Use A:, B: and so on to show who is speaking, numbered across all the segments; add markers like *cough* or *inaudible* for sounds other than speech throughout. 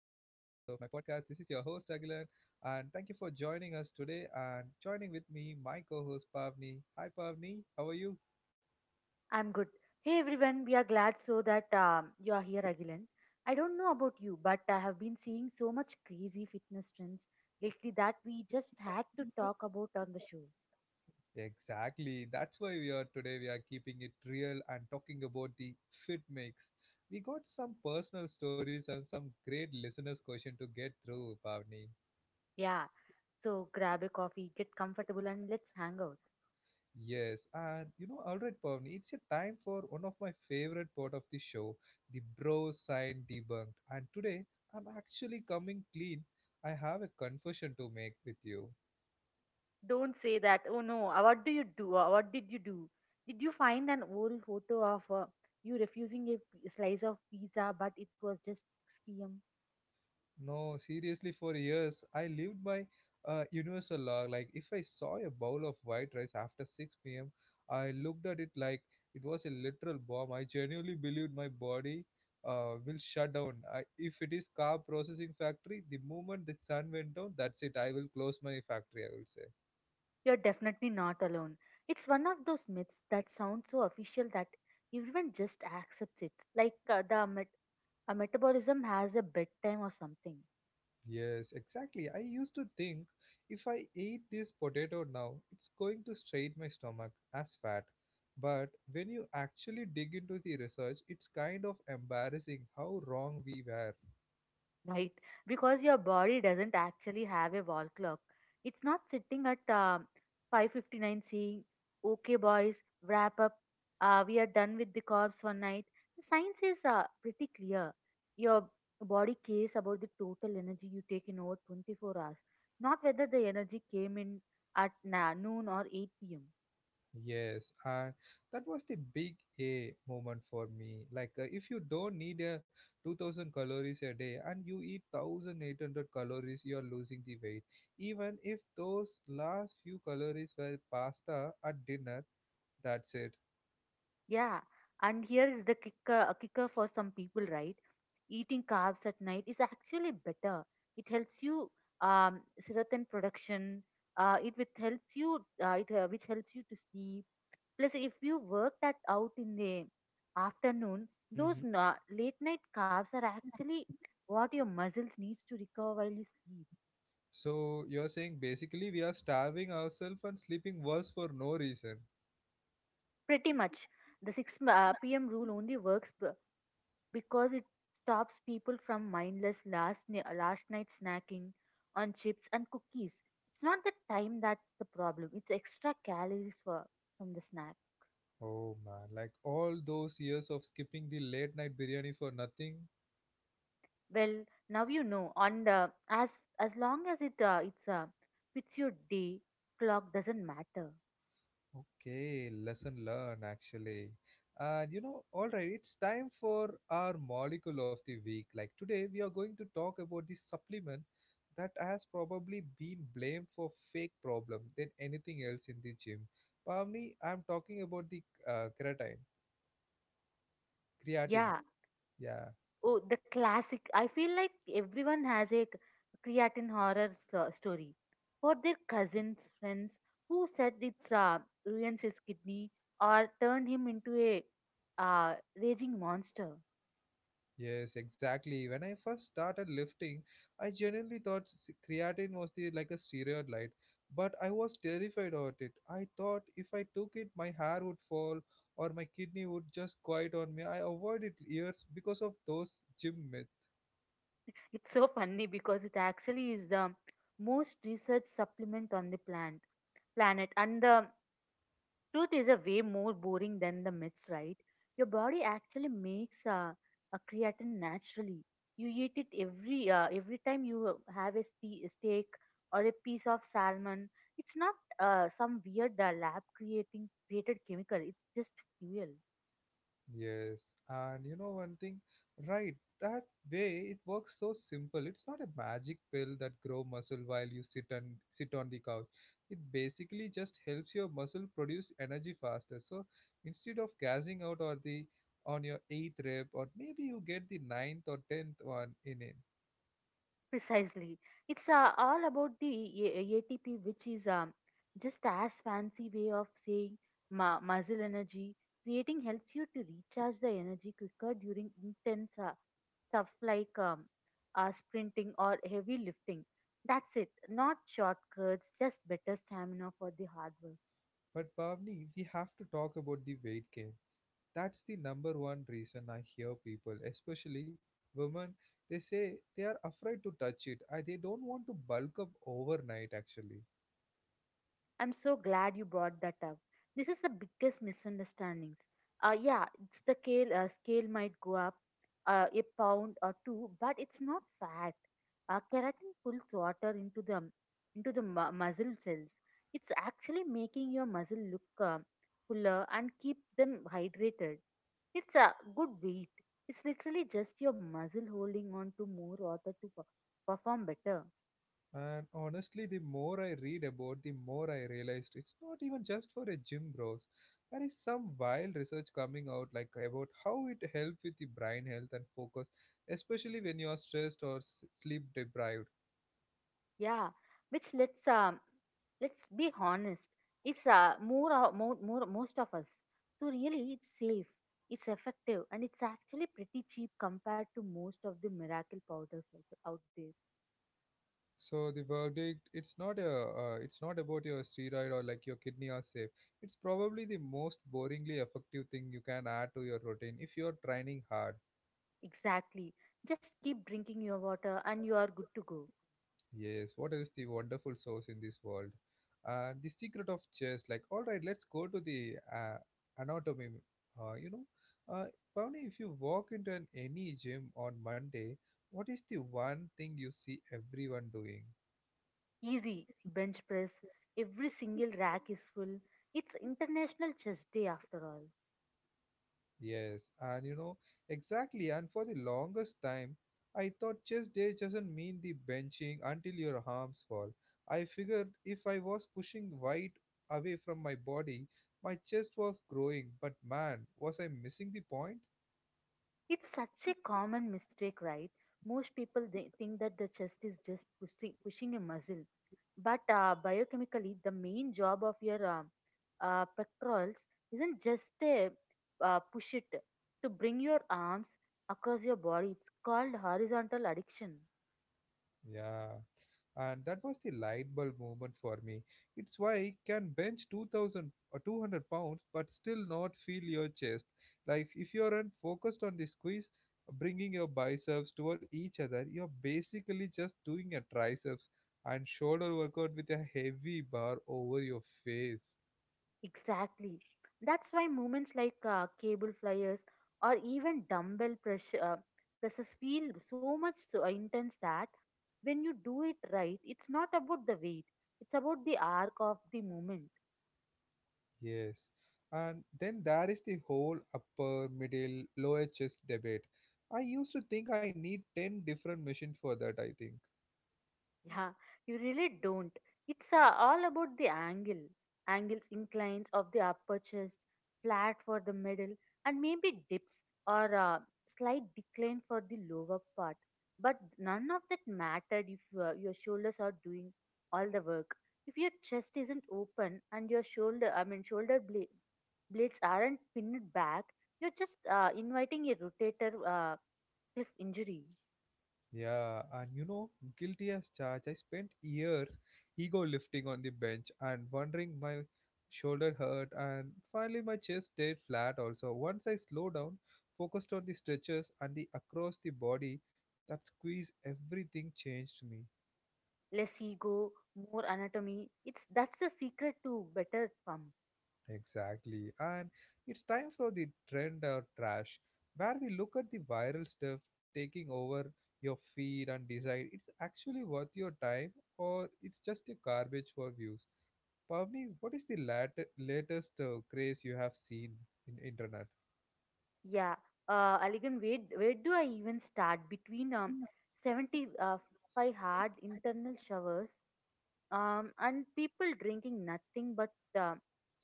A: of my podcast. This is your host Agilan, and thank you for joining us today. And joining with me my co-host Pavni. Hi Pavni, how are you?
B: I'm good. Hey everyone, we are glad so that you are here again. I don't know about you, but I have been seeing so much crazy fitness trends lately that we just had to talk about on the show.
A: Exactly. That's why we are keeping it real and talking about the fit mix. We got some personal stories and some great listeners question to get through, Pavni.
B: Yeah, so grab a coffee, get comfortable, and let's hang out.
A: Yes, all right, Pavni, it's a time for one of my favorite part of the show, the bro sign debunked. And today, I'm actually coming clean. I have a confession to make with you.
B: Don't say that. Oh no, what do you do? What did you do? Did you find an old photo of you refusing a slice of pizza, but it was just 6 p.m.?
A: No, seriously, for years I lived by a universal law. Like, if I saw a bowl of white rice after 6 p.m., I looked at it like it was a literal bomb. I genuinely believed my body will shut down. I, if it is car processing factory, the moment the sun went down, that's it. I will close my factory, I will say.
B: You're definitely not alone. It's one of those myths that sound so official that everyone just accepts it. Like a metabolism has a bedtime or something.
A: Yes, exactly. I used to think if I eat this potato now, it's going to straight my stomach as fat. But when you actually dig into the research, it's kind of embarrassing how wrong we were.
B: Right, because your body doesn't actually have a wall clock. It's not sitting at 5:59 saying, "Okay, boys, wrap up. We are done with the carbs for night." The science is pretty clear. Your body cares about the total energy you take in over 24 hours, not whether the energy came in at noon or 8 p.m.
A: Yes, and that was the big A moment for me. Like, if you don't need a 2,000 calories a day and you eat 1,800 calories, you are losing the weight. Even if those last few calories were pasta at dinner, that's it.
B: Yeah, and here is the kicker, a kicker for some people, right? Eating carbs at night is actually better. It helps you um, serotonin production. It which helps you, it which helps you to sleep. Plus, if you work that out in the afternoon, those
A: Mhm.
B: late night carbs are actually what your muscles needs to recover while you sleep.
A: So you're saying basically we are starving ourselves and sleeping worse for no reason.
B: Pretty much, the six p.m. rule only works, because it stops people from mindless last night snacking on chips and cookies. It's not the time that's the problem; it's extra calories for from the snack.
A: Oh man, like all those years of skipping the late night biryani for nothing.
B: Well, now you know. On the as long as it it's fits your day, clock doesn't matter.
A: Okay, lesson learned actually. Alright, it's time for our molecule of the week. Like today we are going to talk about the supplement that has probably been blamed for fake problem than anything else in the gym. Probably I'm talking about the creatine. Creatine.
B: Yeah.
A: Yeah.
B: Oh, the classic. I feel like everyone has a creatine horror story for their cousins, friends who said it's ruins his kidney or turned him into a uh, raging monster.
A: Yes, exactly. When I first started lifting, I genuinely thought creatine was the like a steroid light, but I was terrified of it. I thought if I took it, my hair would fall or my kidney would just quiet on me. I avoided it years because of those gym myths.
B: It's so funny because it actually is the most researched supplement on the plant planet, and the truth is a way more boring than the myths, right? Your body actually makes a creatine naturally. You eat it every time you have a steak or a piece of salmon. It's not some weird lab creating created chemical. It's just fuel.
A: Yes, and you know one thing, right? That way it works so simple. It's not a magic pill that grow muscle while you sit on the couch. It basically just helps your muscle produce energy faster. So instead of gassing out or the on your eighth rep, or maybe you get the ninth or tenth one in it.
B: Precisely. It's all about the ATP, which is just as fancy way of saying muscle energy. Creating helps you to recharge the energy quicker during intense stuff like sprinting or heavy lifting. That's it. Not shortcuts, just better stamina for the hard work.
A: But Bhavni, we have to talk about the weight gain. That's the number one reason I hear people, especially women, they say they are afraid to touch it. I, they don't want to bulk up overnight, actually.
B: I'm so glad you brought that up. This is the biggest misunderstandings. Yeah, it's the scale. Scale might go up a pound or two, but it's not fat. Keratin pulls water into the muscle cells. It's actually making your muscle look fuller and keep them hydrated. It's a good weight. It's literally just your muscle holding on to more water to perform better.
A: And honestly, the more I read about, the more I realized it's not even just for a gym bros. There is some wild research coming out, like about how it helps with the brain health and focus, especially when you are stressed or sleep deprived.
B: Yeah, which let's be honest, it's more, o- more more most of us. So really, it's safe, it's effective, and it's actually pretty cheap compared to most of the miracle powders out there.
A: So the verdict, it's not a, it's not about your steroid or like your kidney are safe. It's probably the most boringly effective thing you can add to your routine if you're training hard.
B: Exactly. Just keep drinking your water, and you are good to go.
A: Yes, what is the wonderful source in this world? The secret of chess. Like, all right, let's go to the anatomy. Uh, you know, uh, Pavni, if you walk into an any gym on Monday, what is the one thing you see everyone doing?
B: Easy bench press. Every single rack is full. It's International Chess Day after all.
A: Yes, and you know, exactly. And for the longest time, I thought chest day doesn't mean the benching until your arms fall. I figured if I was pushing weight away from my body, my chest was growing, but man, was I missing the point?
B: It's such a common mistake, right? Most people they think that the chest is just pushing a muscle. But biochemically, the main job of your pectorals isn't just a push it to bring your arms across your body. It's called horizontal addiction.
A: Yeah, and that was the light bulb moment for me. It's why I can bench 2,000 or 200 pounds but still not feel your chest. Like if you aren't focused on the squeeze, bringing your biceps toward each other, you're basically just doing a triceps and shoulder workout with a heavy bar over your face.
B: Exactly. That's why movements like cable flyers or even dumbbell presses feel so intense that when you do it right, it's not about the weight, it's about the arc of the movement.
A: Yes. And then there is the whole upper, middle, lower chest debate. I used to think I need 10 different machines for that, I think.
B: Yeah, you really don't. It's all about the angles, inclines of the upper chest, flat for the middle, and maybe dips or slight decline for the lower part. But none of that mattered if your shoulders are doing all the work. If your chest isn't open and your shoulder, I mean shoulder blade, blades aren't pinned back, you're just inviting a rotator cuff injury.
A: Yeah, and you know, guilty as charged. I spent years ego lifting on the bench and wondering my shoulder hurt and finally my chest stayed flat also. Once I slowed down, focused on the stretches and the across the body that squeeze, everything changed me.
B: Less ego, more anatomy. It's that's the secret to better pump.
A: Exactly. And it's time for the trend or trash, where we look at the viral stuff taking over your feed and decide it's actually worth your time or it's just a garbage for views. Pavni, what is the latest craze you have seen in internet?
B: Yeah. Aligan, where do I even start? Between seventy five hard internal showers, and people drinking nothing but uh,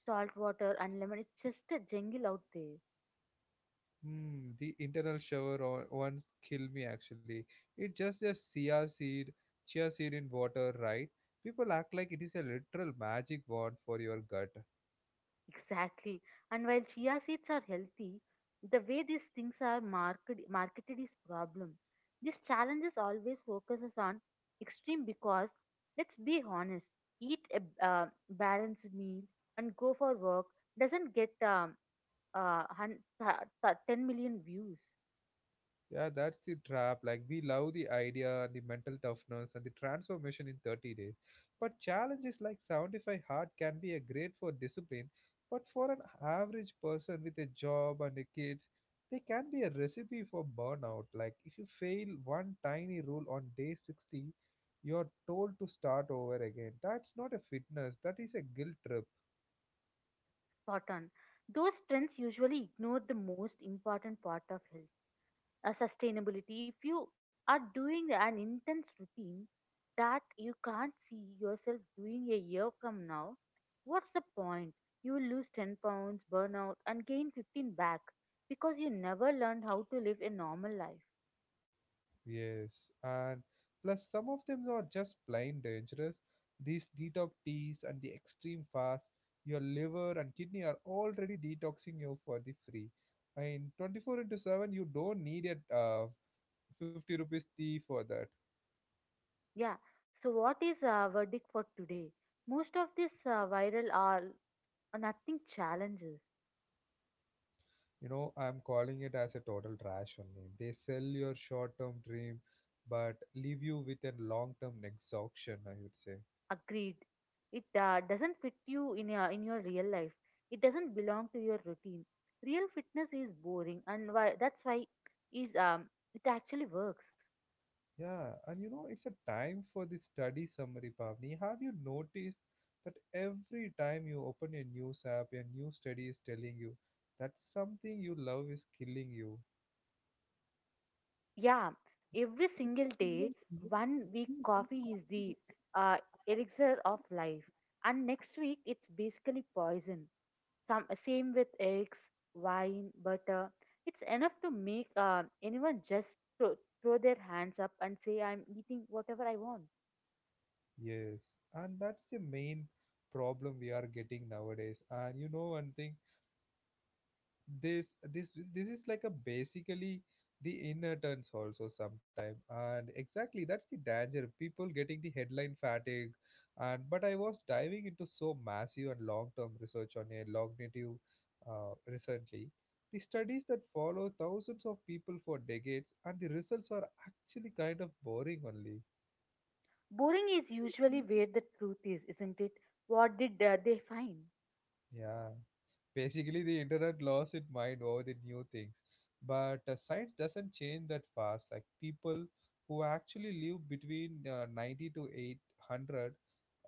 B: salt water and lemon. It's just a jungle out there.
A: Hmm, the internal shower ones kill me actually. It's just a chia seed in water, right? People act like it is a literal magic wand for your gut.
B: Exactly. And while chia seeds are healthy, the way these things are marketed is problem. This challenge is always focuses on extreme because let's be honest, eat a balanced meal and go for work doesn't get uh, hun- th- 10 million views.
A: Yeah, that's the trap. Like we love the idea and the mental toughness and the transformation in 30 days. But challenges like 75 hard can be a great for discipline, but for an average person with a job and a kids, they can be a recipe for burnout. Like if you fail one tiny rule on day 60, you're told to start over again. That's not a fitness, that is a guilt trip.
B: Spot on. Those trends usually ignore the most important part of health, sustainability. If you are doing an intense routine that you can't see yourself doing a year from now, what's the point? You will lose 10 pounds, burn out, and gain 15 back because you never learned how to live a normal life.
A: Yes, and plus some of them are just plain dangerous. These detox teas and the extreme fast, your liver and kidney are already detoxing you for the free. In 24 into 7, you don't need a 50 rupees tea for that.
B: Yeah, so what is our verdict for today? Most of this viral are nothing challenges.
A: You know, I'm calling it as a total trash only. They sell your short term dream but leave you with a long term exhaustion, I would say.
B: Agreed. It doesn't fit you in your real life. It doesn't belong to your routine. Real fitness is boring, and that's why is it actually works.
A: Yeah, and you know, it's a time for the study summary, Pavni. Have you noticed that every time you open a news app, a new study is telling you that something you love is killing you?
B: Yeah, every single day, one week coffee is the uh, elixir of life, and next week it's basically poison. Some same with eggs, wine, butter. It's enough to make anyone just throw their hands up and say, "I'm eating whatever I want."
A: Yes, and that's the main problem we are getting nowadays. And you know one thing, this this is like a basically the inner turns also sometime and exactly that's the danger people getting the headline fatigue and but I was diving into so massive and long-term research on a cognitive recently, the studies that follow thousands of people for decades and the results are actually kind of boring only.
B: Boring is usually where the truth is, isn't it? What did they find?
A: Yeah. Basically, the internet lost its mind over the new things. But science doesn't change that fast. Like people who actually live between 90 to 800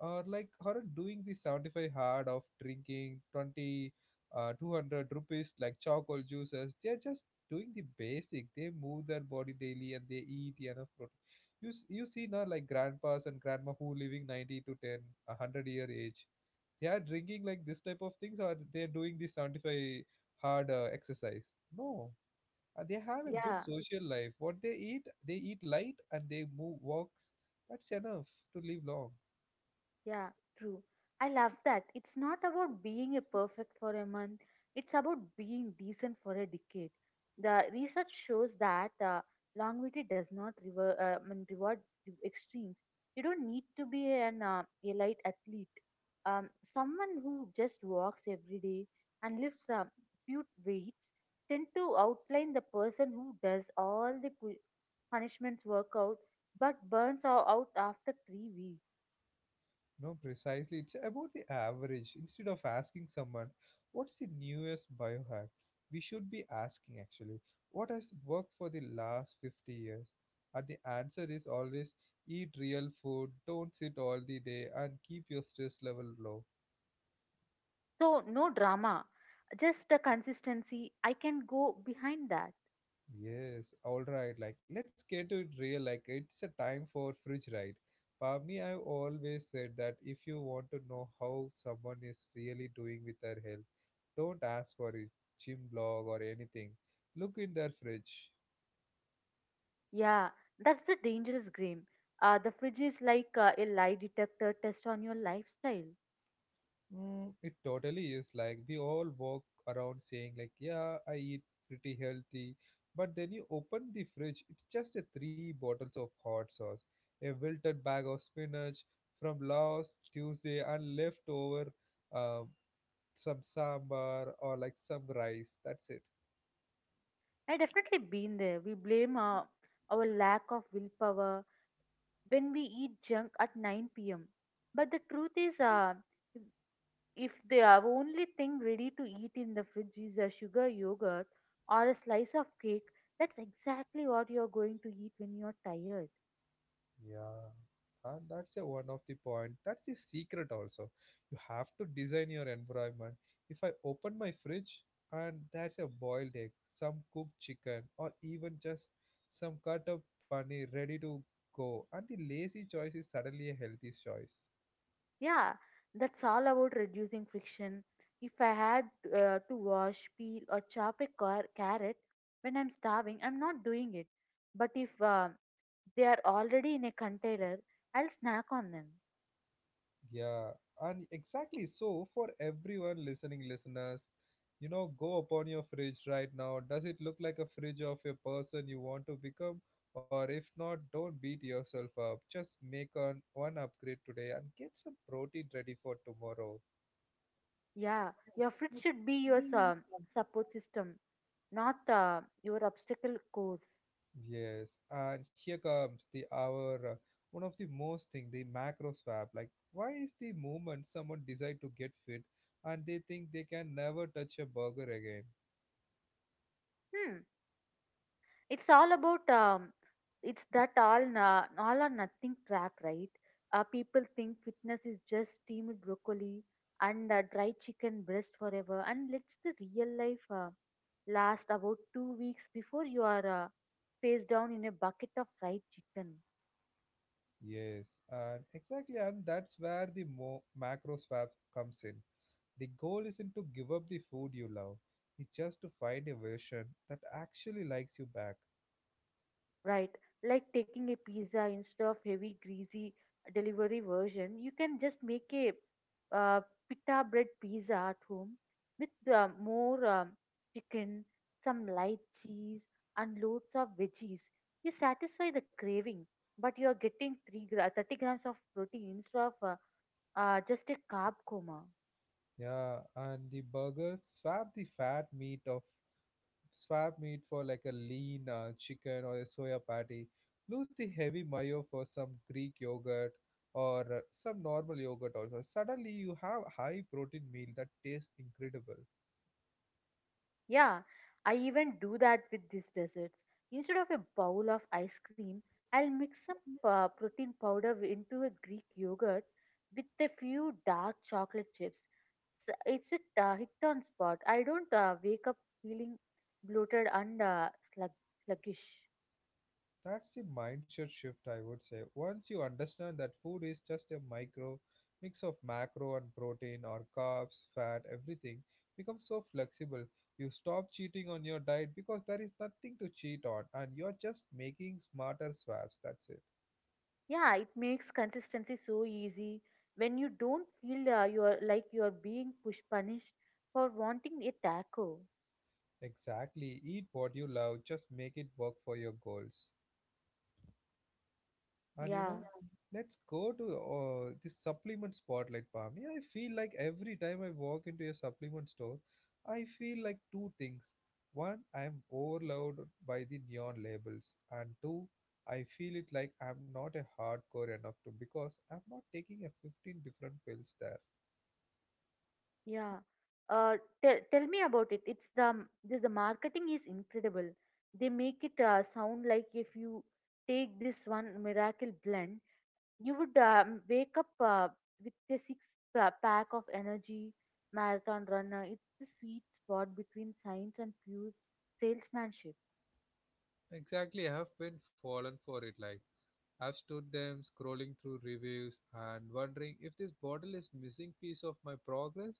A: are like are doing the 75 hard of drinking 20 200 rupees like charcoal juices. They're just doing the basic. They move their body daily and they eat enough protein. You see now like grandpas and grandma who living 90 to 10 a 100 year age, they are drinking like this type of things or they're doing this 75 hard exercise? No. Uh, they have a good
B: Yeah.
A: social life. What they eat, they eat light, and they move walks. That's enough to live long.
B: Yeah, true. I love that. It's not about being a perfect for a month, it's about being decent for a decade. The research shows that longevity does not reward the extremes. You don't need to be an elite athlete. Someone who just walks every day and lifts a few weights tend to outline the person who does all the punishments workout but burns out after 3 weeks.
A: No, precisely it's about the average. Instead of asking someone what's the newest biohack, we should be asking actually what has worked for the last 50 years. And the answer is always eat real food, don't sit all the day, and keep your stress level low.
B: So, no drama, just a consistency. I can go behind that.
A: Yes, all right. Like, let's get to it real. Like, it's a time for fridge ride. Pavni, I've always said that if you want to know how someone is really doing with their health, don't ask for a gym blog or anything. Look in their fridge.
B: Yeah, that's the dangerous game. The fridge is like a lie detector test on your lifestyle.
A: Mm, it totally is. Like we all walk around saying like yeah I eat pretty healthy but then you open the fridge, it's just a three bottles of hot sauce, a wilted bag of spinach from last Tuesday and leftover um, some sambar or like some rice, that's it.
B: I definitely been there. We blame our lack of willpower when we eat junk at 9 p.m. But the truth is, if the only thing ready to eat in the fridge is a sugar yogurt or a slice of cake, that's exactly what you're going to eat when you're tired.
A: Yeah, and that's a one of the point. That's the secret also. You have to design your environment. If I open my fridge and there's a boiled egg, some cooked chicken, or even just some cut up paneer ready to go, and the lazy choice is suddenly a healthy choice.
B: Yeah, that's all about reducing friction. If I had to wash, peel, or chop a carrot when I'm starving, I'm not doing it. But if they are already in a container, I'll snack on them.
A: Yeah, and exactly so for everyone listeners, you know, go upon your fridge right now. Does it look like a fridge of a person you want to become? Or if not, don't beat yourself up. Just one upgrade today and get some protein ready for tomorrow.
B: Yeah, your fridge should be your support system, not your obstacle course.
A: Yes, and here comes the our one of the most thing the macro swap. Like, why is the moment someone decide to get fit and they think they can never touch a burger again?
B: Hmm. It's all about it's that all all or nothing trap, right? People think fitness is just steamed broccoli and dry chicken breast forever, and let's the real life last about 2 weeks before you are face down in a bucket of fried chicken.
A: Yes, and exactly, and that's where the macro swap comes in. The goal isn't to give up the food you love, it's just to find a version that actually likes you back.
B: Right. Like taking a pizza instead of heavy, greasy delivery version, you can just make a uh, pita bread pizza at home with more chicken, some light cheese, and loads of veggies. You satisfy the craving, but you are getting 30 grams of protein instead of just a carb coma.
A: Yeah, and the burgers swap the fat meat of swap meat for like a lean chicken or a soya patty. Lose the heavy mayo for some Greek yogurt or some normal yogurt also. Suddenly, you have high protein meal that tastes incredible.
B: Yeah, I even do that with these desserts. Instead of a bowl of ice cream, I'll mix some protein powder into a Greek yogurt with a few dark chocolate chips. S It's a hit on spot. I don't wake up feeling bloated and slug sluggish.
A: That's the mindset shift, I would say. Once you understand that food is just a micro mix of macro and protein or carbs, fat, everything becomes so flexible. You stop cheating on your diet because there is nothing to cheat on and you're just making smarter swaps. That's it.
B: Yeah, it makes consistency so easy when you don't feel you're like you're being push punished for wanting a taco.
A: Exactly. Eat what you love, just make it work for your goals. And you
B: Yeah.
A: know, let's go to this supplement spotlight, Pami. I feel like every time I walk into a supplement store, I feel like two things. One, I am overloaded by the neon labels, and two, I feel it like I'm not a hardcore enough to because I'm not taking a 15 different pills there.
B: Yeah. Uh, tell tell me about it. It's the m- the marketing is incredible. They make it sound like if you take this one miracle blend, you would wake up with a six pack of energy marathon runner. It's the sweet spot between science and pure salesmanship.
A: Exactly, I have been fallen for it like I've stood them scrolling through reviews and wondering if this bottle is missing piece of my progress.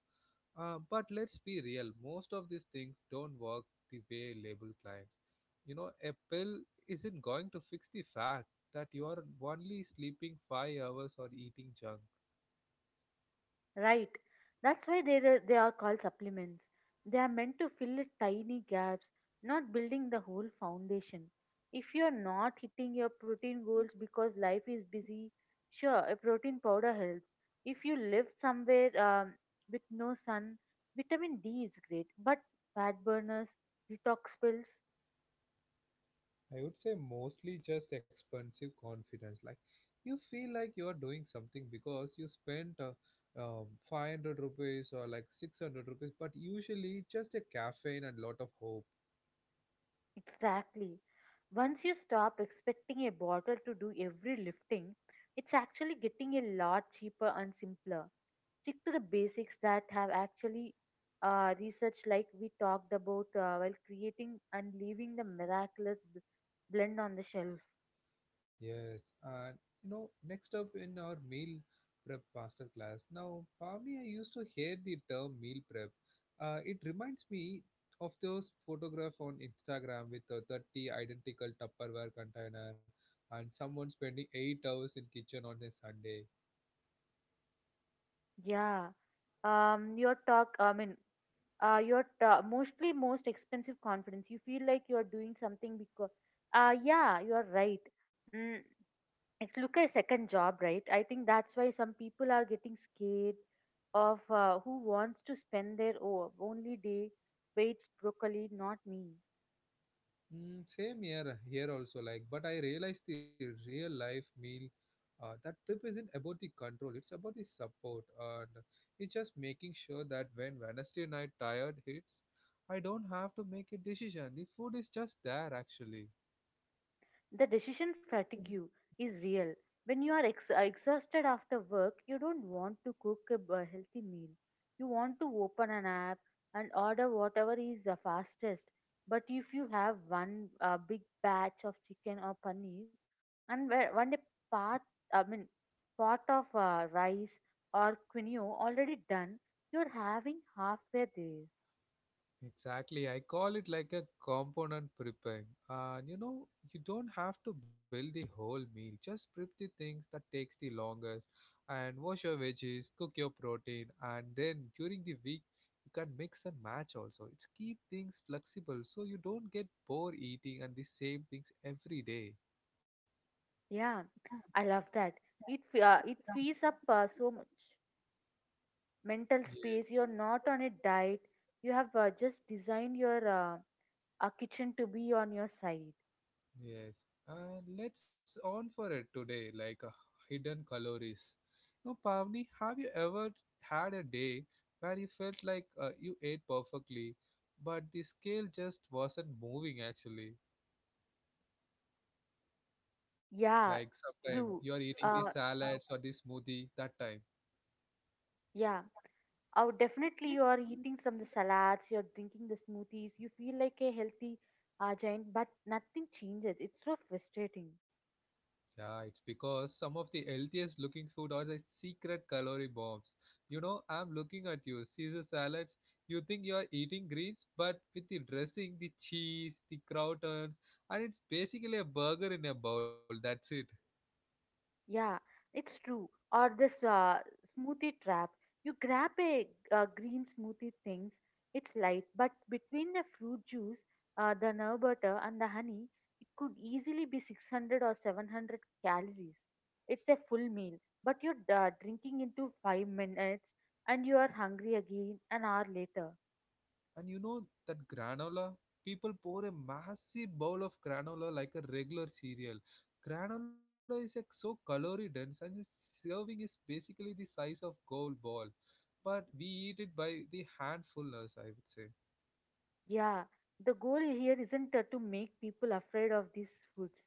A: But let's be real, most of these things don't work the way label claims. You know, a pill isn't going to fix the fact that you are only sleeping 5 hours or eating junk.
B: Right. That's why they are called supplements. They are meant to fill the tiny gaps, not building the whole foundation. If you're not hitting your protein goals because life is busy, sure, a protein powder helps. If you live somewhere with no sun, vitamin D is great. But fat burners, detox pills,
A: I would say mostly just expensive confidence. Like you feel like you are doing something because you spent 500 rupees or like 600 rupees, but usually just a caffeine and lot of hope.
B: exactly. Once you stop expecting a bottle to do every lifting, it's actually getting a lot cheaper and simpler stick to the basics that have actually research like we talked about while creating and leaving the miraculous blend on the shelf.
A: Yes, and you know, next up in our meal prep master class. Now, Pami, I used to hear the term meal prep. It reminds me of those photographs on Instagram with the 30 identical Tupperware container and someone spending 8 hours in kitchen on a Sunday.
B: Yeah. Your talk, I mean, mostly most expensive confidence. You feel like you are doing something because yeah, you are right. Mm, it's look a second job, right? I think that's why some people are getting scared of who wants to spend their only day waits broccoli? Not me.
A: Mm, same here also, like but I realized the real life meal that trip isn't about the control, it's about the support, and it's just making sure that when Wednesday night tired hits, I don't have to make a decision, the food is just there actually.
B: The decision fatigue is real. When you are exhausted after work, you don't want to cook a healthy meal. You want to open an app and order whatever is the fastest. But if you have one big batch of chicken or paneer and one a pot, I mean, pot of rice or quinoa already done, you're having halfway there.
A: Exactly. I call it like a component prepping. And you know, you don't have to build the whole meal. Just prep the things that takes the longest and wash your veggies, cook your protein, and then during the week you can mix and match also. It's keep things flexible so you don't get bored eating and the same things every day.
B: Yeah, I love that. It frees up so much mental space. You're not on a diet. You have just designed your kitchen to be on your side.
A: Yes, and let's on for it today, like hidden calories. No, Pavni, have you ever had a day where you felt like you ate perfectly, but the scale just wasn't moving actually?
B: Yeah,
A: Like sometimes
B: true.
A: you are eating the *laughs*
B: Uh,
A: salads or the smoothie that time.
B: yeah. Oh, definitely you are eating some of the salads, you're drinking the smoothies, you feel like a healthy giant, but nothing changes. It's so frustrating.
A: Yeah, it's because some of the healthiest looking food are the secret calorie bombs. You know, I'm looking at you, Caesar salads. You think you're eating greens, but with the dressing, the cheese, the croutons, and it's basically a burger in a bowl. That's it.
B: Yeah, it's true. Or this smoothie trap. You grab a green smoothie things. It's light, but between the fruit juice, the nerve butter, and the honey, it could easily be 600 or 700 calories. It's a full meal, but you're drinking into 5 minutes, and you are hungry again an hour later.
A: And you know that granola? People pour a massive bowl of granola like a regular cereal. Granola is like so calorie dense and its serving is basically the size of gold ball. But we eat it by the handfulness, I would say.
B: Yeah, the goal here isn't to make people afraid of these foods.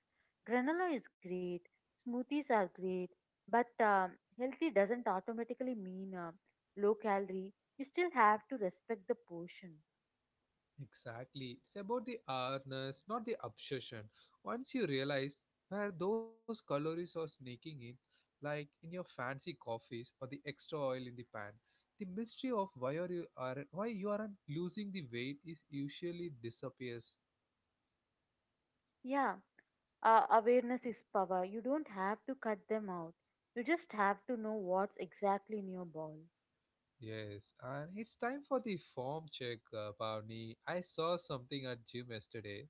B: Granola is great, smoothies are great, but healthy doesn't automatically mean low calorie. You still have to respect the portion.
A: Exactly. It's about the awareness, not the obsession. Once you realize where those calories are sneaking in, like in your fancy coffees or the extra oil in the pan, the mystery of why are you are why you aren't losing the weight is usually disappears.
B: Yeah, awareness is power. You don't have to cut them out. You just have to know what's exactly in your bowl.
A: Yes, and it's time for the form check, Bhavani. I saw something at gym yesterday.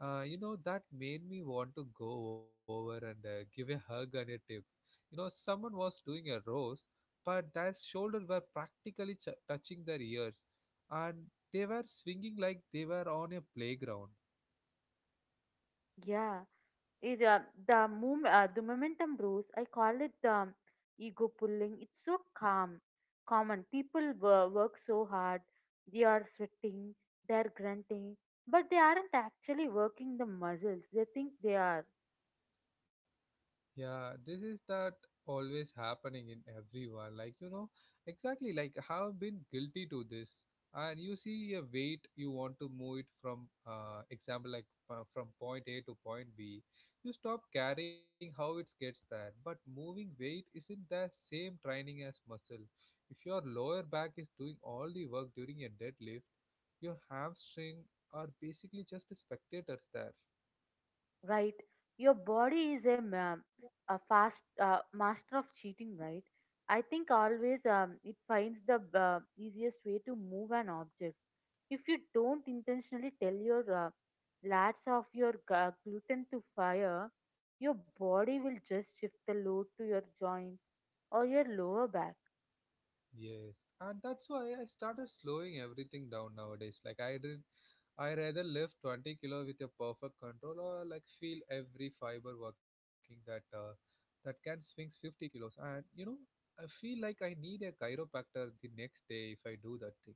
A: That made me want to go over and give a hug and a tip. You know, someone was doing a roast, but their shoulders were practically touching their ears, and they were swinging like they were on a playground.
B: Yeah. It, uh, the momentum blues, I call it the ego pulling. It's so calm, common. People work so hard, they are sweating, they're grunting, but they aren't actually working the muscles. They think they are.
A: Yeah, this is that always happening in everyone. Like, you know, exactly like have been guilty to this. And you see a weight, you want to move it from, example, like from point A to point B. You stop caring how it gets there. But moving weight isn't the same training as muscle. If your lower back is doing all the work during a deadlift, your hamstring are basically just the spectators there.
B: Right. Your body is a fast master of cheating, right? I think always, it finds the easiest way to move an object. If you don't intentionally tell your lats of your gluten to fire, your body will just shift the load to your joints or your lower back.
A: Yes, and that's why I started slowing everything down nowadays. Like I did, I rather lift 20-kilo with a perfect control or like feel every fiber working that that can swing 50 kilos. And you know, I feel like I need a chiropractor the next day if I do that thing.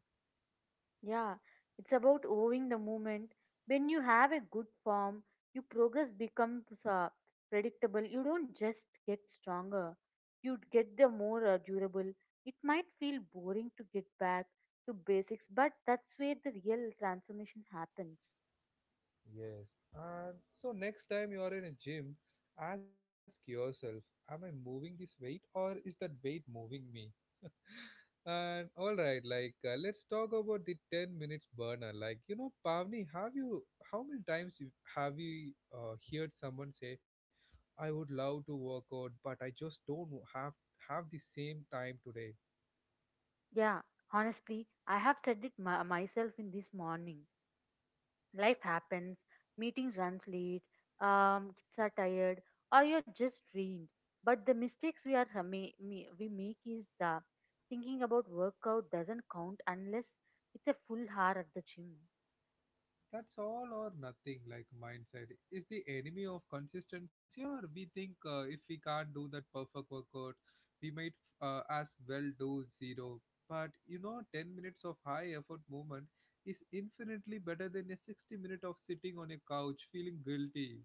B: Yeah, it's about owing the moment. When you have a good form, your progress becomes predictable. You don't just get stronger, you get the more durable. It might feel boring to get back to basics, but that's where the real transformation happens.
A: Yes, and so next time you are in a gym, ask yourself, am I moving this weight or is that weight moving me? And all right, like let's talk about the 10 minutes burner. Like, you know, Pavni, have you how many times have you heard someone say, "I would love to work out, but I just don't have have the same time today."
B: Yeah, honestly, I have said it my myself in this morning. Life happens, meetings runs late, kids are tired, or you're just drained. But the mistakes we are ha- ma- me- we make is the thinking about workout doesn't count unless it's a full hour at the gym.
A: That's all or nothing like mindset is the enemy of consistency, or we think if we can't do that perfect workout, we might as well do zero. But you know, 10 minutes of high effort movement is infinitely better than a 60 minute of sitting on a couch feeling guilty.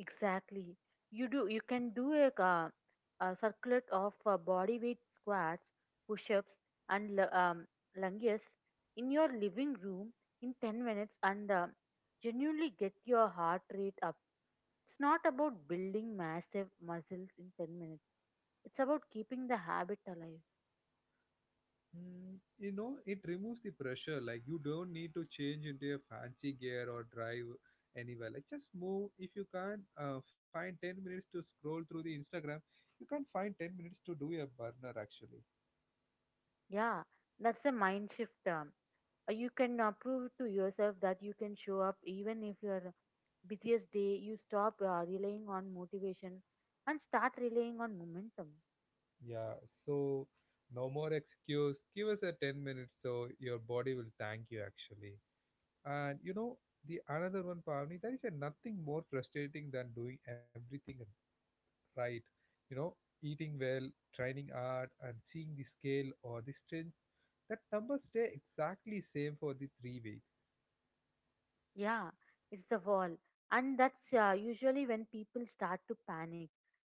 B: Exactly. You do. You can do a circuit of body weight squats, push-ups, and lunges in your living room in 10 minutes, and genuinely get your heart rate up. It's not about building massive muscles in 10 minutes. It's about keeping the habit alive.
A: Mm, you know, it removes the pressure. Like you don't need to change into a fancy gear or drive anywhere. Like just move. If you can't find 10 minutes to scroll through the Instagram, you can not find 10 minutes to do a burner actually.
B: Yeah, that's a mind shift. You can prove to yourself that you can show up even if your busiest day. You stop relying on motivation and start relying on momentum.
A: Yeah. So no more excuse. Give us a 10 minutes so your body will thank you actually. And you know the another one, Pavni, there is a nothing more frustrating than doing everything at right, you know, eating well, training hard, and seeing the scale or the strength, that numbers stay exactly same for the 3 weeks.
B: Yeah, it's the wall, and that's usually when people start to panic.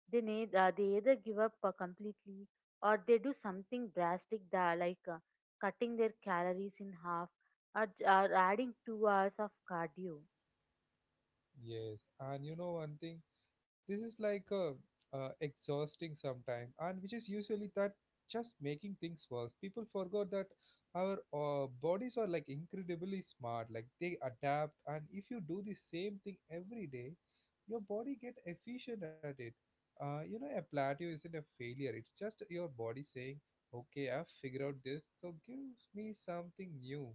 B: They either give up completely, or they do something drastic, that, like cutting their calories in half or, or adding 2 hours of cardio.
A: Yes, and you know one thing, this is like a exhausting sometime, and which is usually that just making things worse. People forgot that our bodies are like incredibly smart, like they adapt, and if you do the same thing every day, your body get efficient at it. You know, a plateau isn't a failure; it's just your body saying, "Okay, I've figured out this, so give me something new."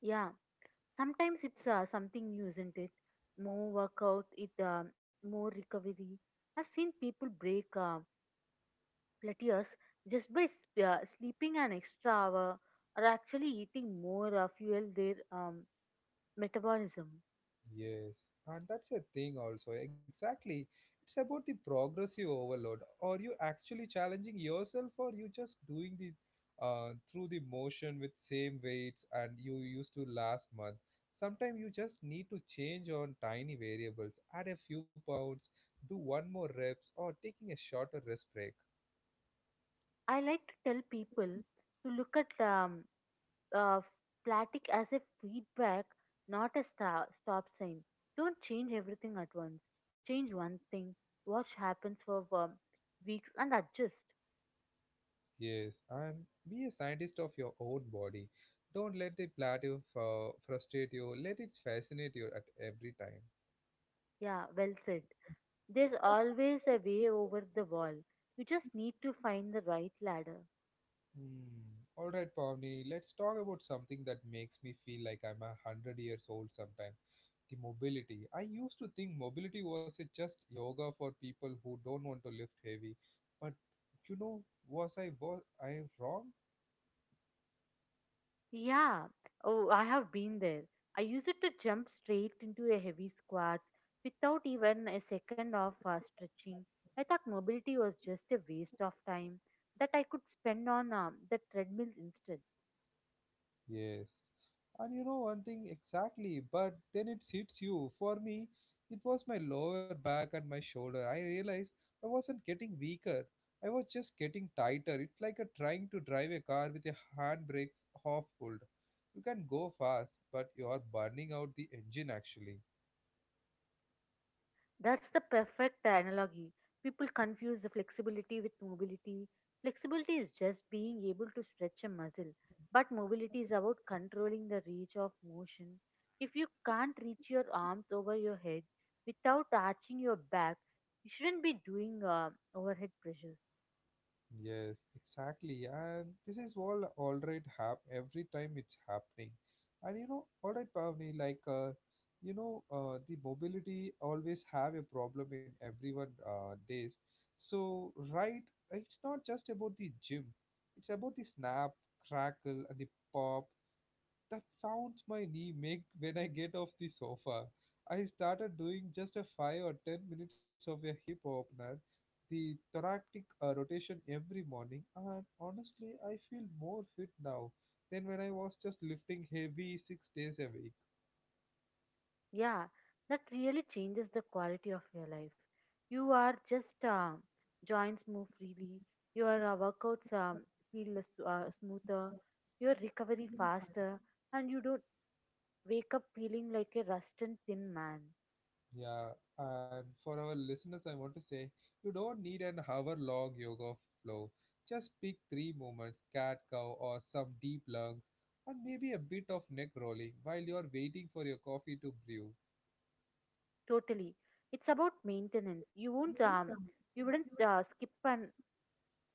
B: Yeah. Sometimes it's something new, isn't it? More workout, it more recovery. I've seen people break plateaus just by sleeping an extra hour or actually eating more fuel their metabolism.
A: Yes, and that's a thing also. Exactly. It's about the progressive overload. Are you actually challenging yourself or you just doing the through the motion with same weights and you used to last month? Sometimes you just need to change on tiny variables, add a few pounds, do one more reps or taking a shorter rest break.
B: I like to tell people to look at uh, fatigue as a feedback, not a stop sign. Don't change everything at once. Change one thing, watch happens for weeks, and adjust.
A: Yes, and be a scientist of your own body. Don't let the plateau frustrate you. Let it fascinate you at every time.
B: Yeah, well said. There's always a way over the wall. You just need to find the right ladder.
A: Hmm. All right, Pavni, let's talk about something that makes me feel like I'm a hundred years old sometime. The mobility. I used to think mobility was a just yoga for people who don't want to lift heavy, but you know, was I wrong?
B: Yeah, oh, I have been there. I used it to jump straight into a heavy squats without even a second of stretching. I thought mobility was just a waste of time that I could spend on the treadmill instead.
A: Yes. And you know one thing exactly, but then it hits you. For me, it was my lower back and my shoulder. I realized I wasn't getting weaker. I was just getting tighter. It's like a trying to drive a car with a handbrake half pulled. You can go fast, but you are burning out the engine actually.
B: That's the perfect analogy. People confuse the flexibility with mobility. Flexibility is just being able to stretch a muscle, but mobility is about controlling the reach of motion. If you can't reach your arms over your head without arching your back, you shouldn't be doing overhead pressures.
A: Yes, exactly. And this is all alright hap every time it's happening. And you know, alright Pavni, like you know, the mobility always have a problem in everyone days. So right, it's not just about the gym. It's about the snap, crackle, and the pop. That sound my knee make when I get off the sofa. I started doing just a 5 or 10 minutes of a hip opener, the thoracic rotation every morning, and honestly, I feel more fit now than when I was just lifting heavy 6 days a week.
B: Yeah, that really changes the quality of your life. You are just joints move freely. Your workouts feel smoother. Your recovery faster, and you don't wake up feeling like a rust and thin man.
A: Yeah, and for our listeners, I want to say you don't need an hour long yoga flow. Just pick three movements cat cow or some deep lungs, and maybe a bit of neck rolling while you're waiting for your coffee to brew.
B: Totally, it's about maintenance. You wouldn't skip an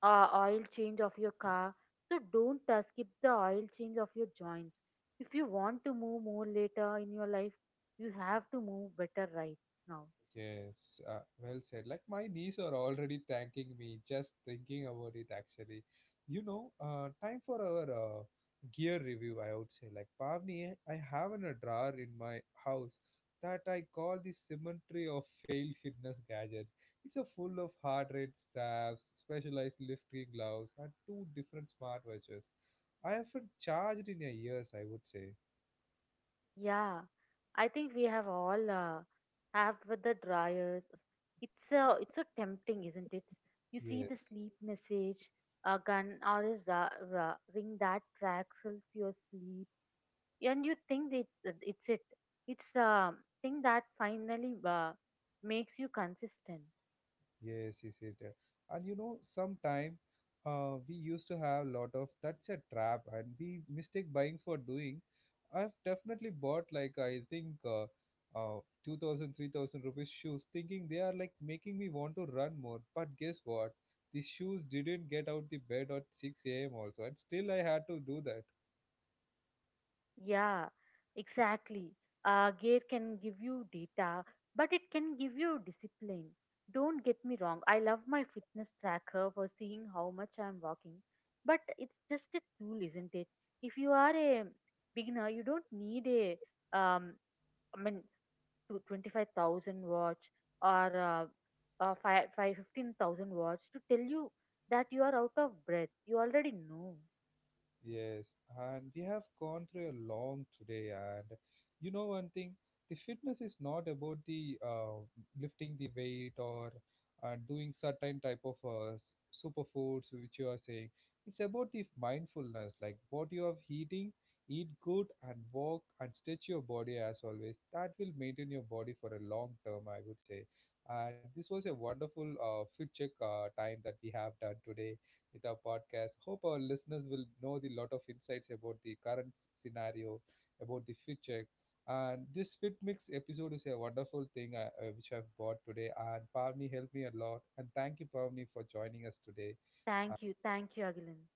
B: oil change of your car. So don't skip the oil change of your joints. If you want to move more later in your life, you have to move better right now.
A: Yes, well said. Like my knees are already thanking me just thinking about it actually. You know, time for our gear review, I would say. Like Pavni, I have an a drawer in my house that I call the cemetery of failed fitness gadgets. It's a full of heart rate straps, specialized lifting gloves, and two different smartwatches. I haven't charged in a years, I would say.
B: Yeah, I think we have all have with the dryers. It's so tempting, isn't it? You see
A: Yes.
B: the sleep message, a gun or is ring that cracks your sleep, and you think that it's the thing that finally makes you consistent.
A: Yes, yes, yes, yeah. And you know, sometime we used to have lot of that's a trap, and we mistake buying for doing. I've definitely bought like I think 2000, rupees shoes, thinking they are like making me want to run more. But guess what? The shoes didn't get out the bed at 6 a.m. also, and still I had to do that.
B: Yeah, exactly. Gear can give you data, but it can give you discipline. Don't get me wrong, I love my fitness tracker for seeing how much I'm walking. But it's just a tool, isn't it? If you are a beginner, you don't need a, um, I mean, to 25,000 watts or 5, five, 15,000 watts to tell you that you are out of breath. You already know.
A: Yes, and we have gone through a long today, and you know one thing, the fitness is not about the lifting the weight or doing certain type of superfoods which you are saying. It's about the mindfulness, like what you are eating, eat good and walk and stretch your body as always. That will maintain your body for a long term, I would say. And this was a wonderful fit check time that we have done today with our podcast. Hope our listeners will know the lot of insights about the current scenario, about the future. And this fit mix episode is a wonderful thing which I've bought today. And Pavni helped me a lot. And thank you, Pavni, for joining us today. Uh,
B: Thank you. Thank you, Agilan.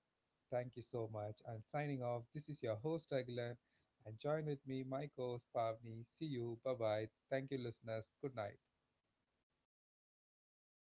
A: Thank you so much. And signing off, this is your host, Aguilan. And join with me, my co host, Pavni. See you. Bye bye. Thank you, listeners. Good night.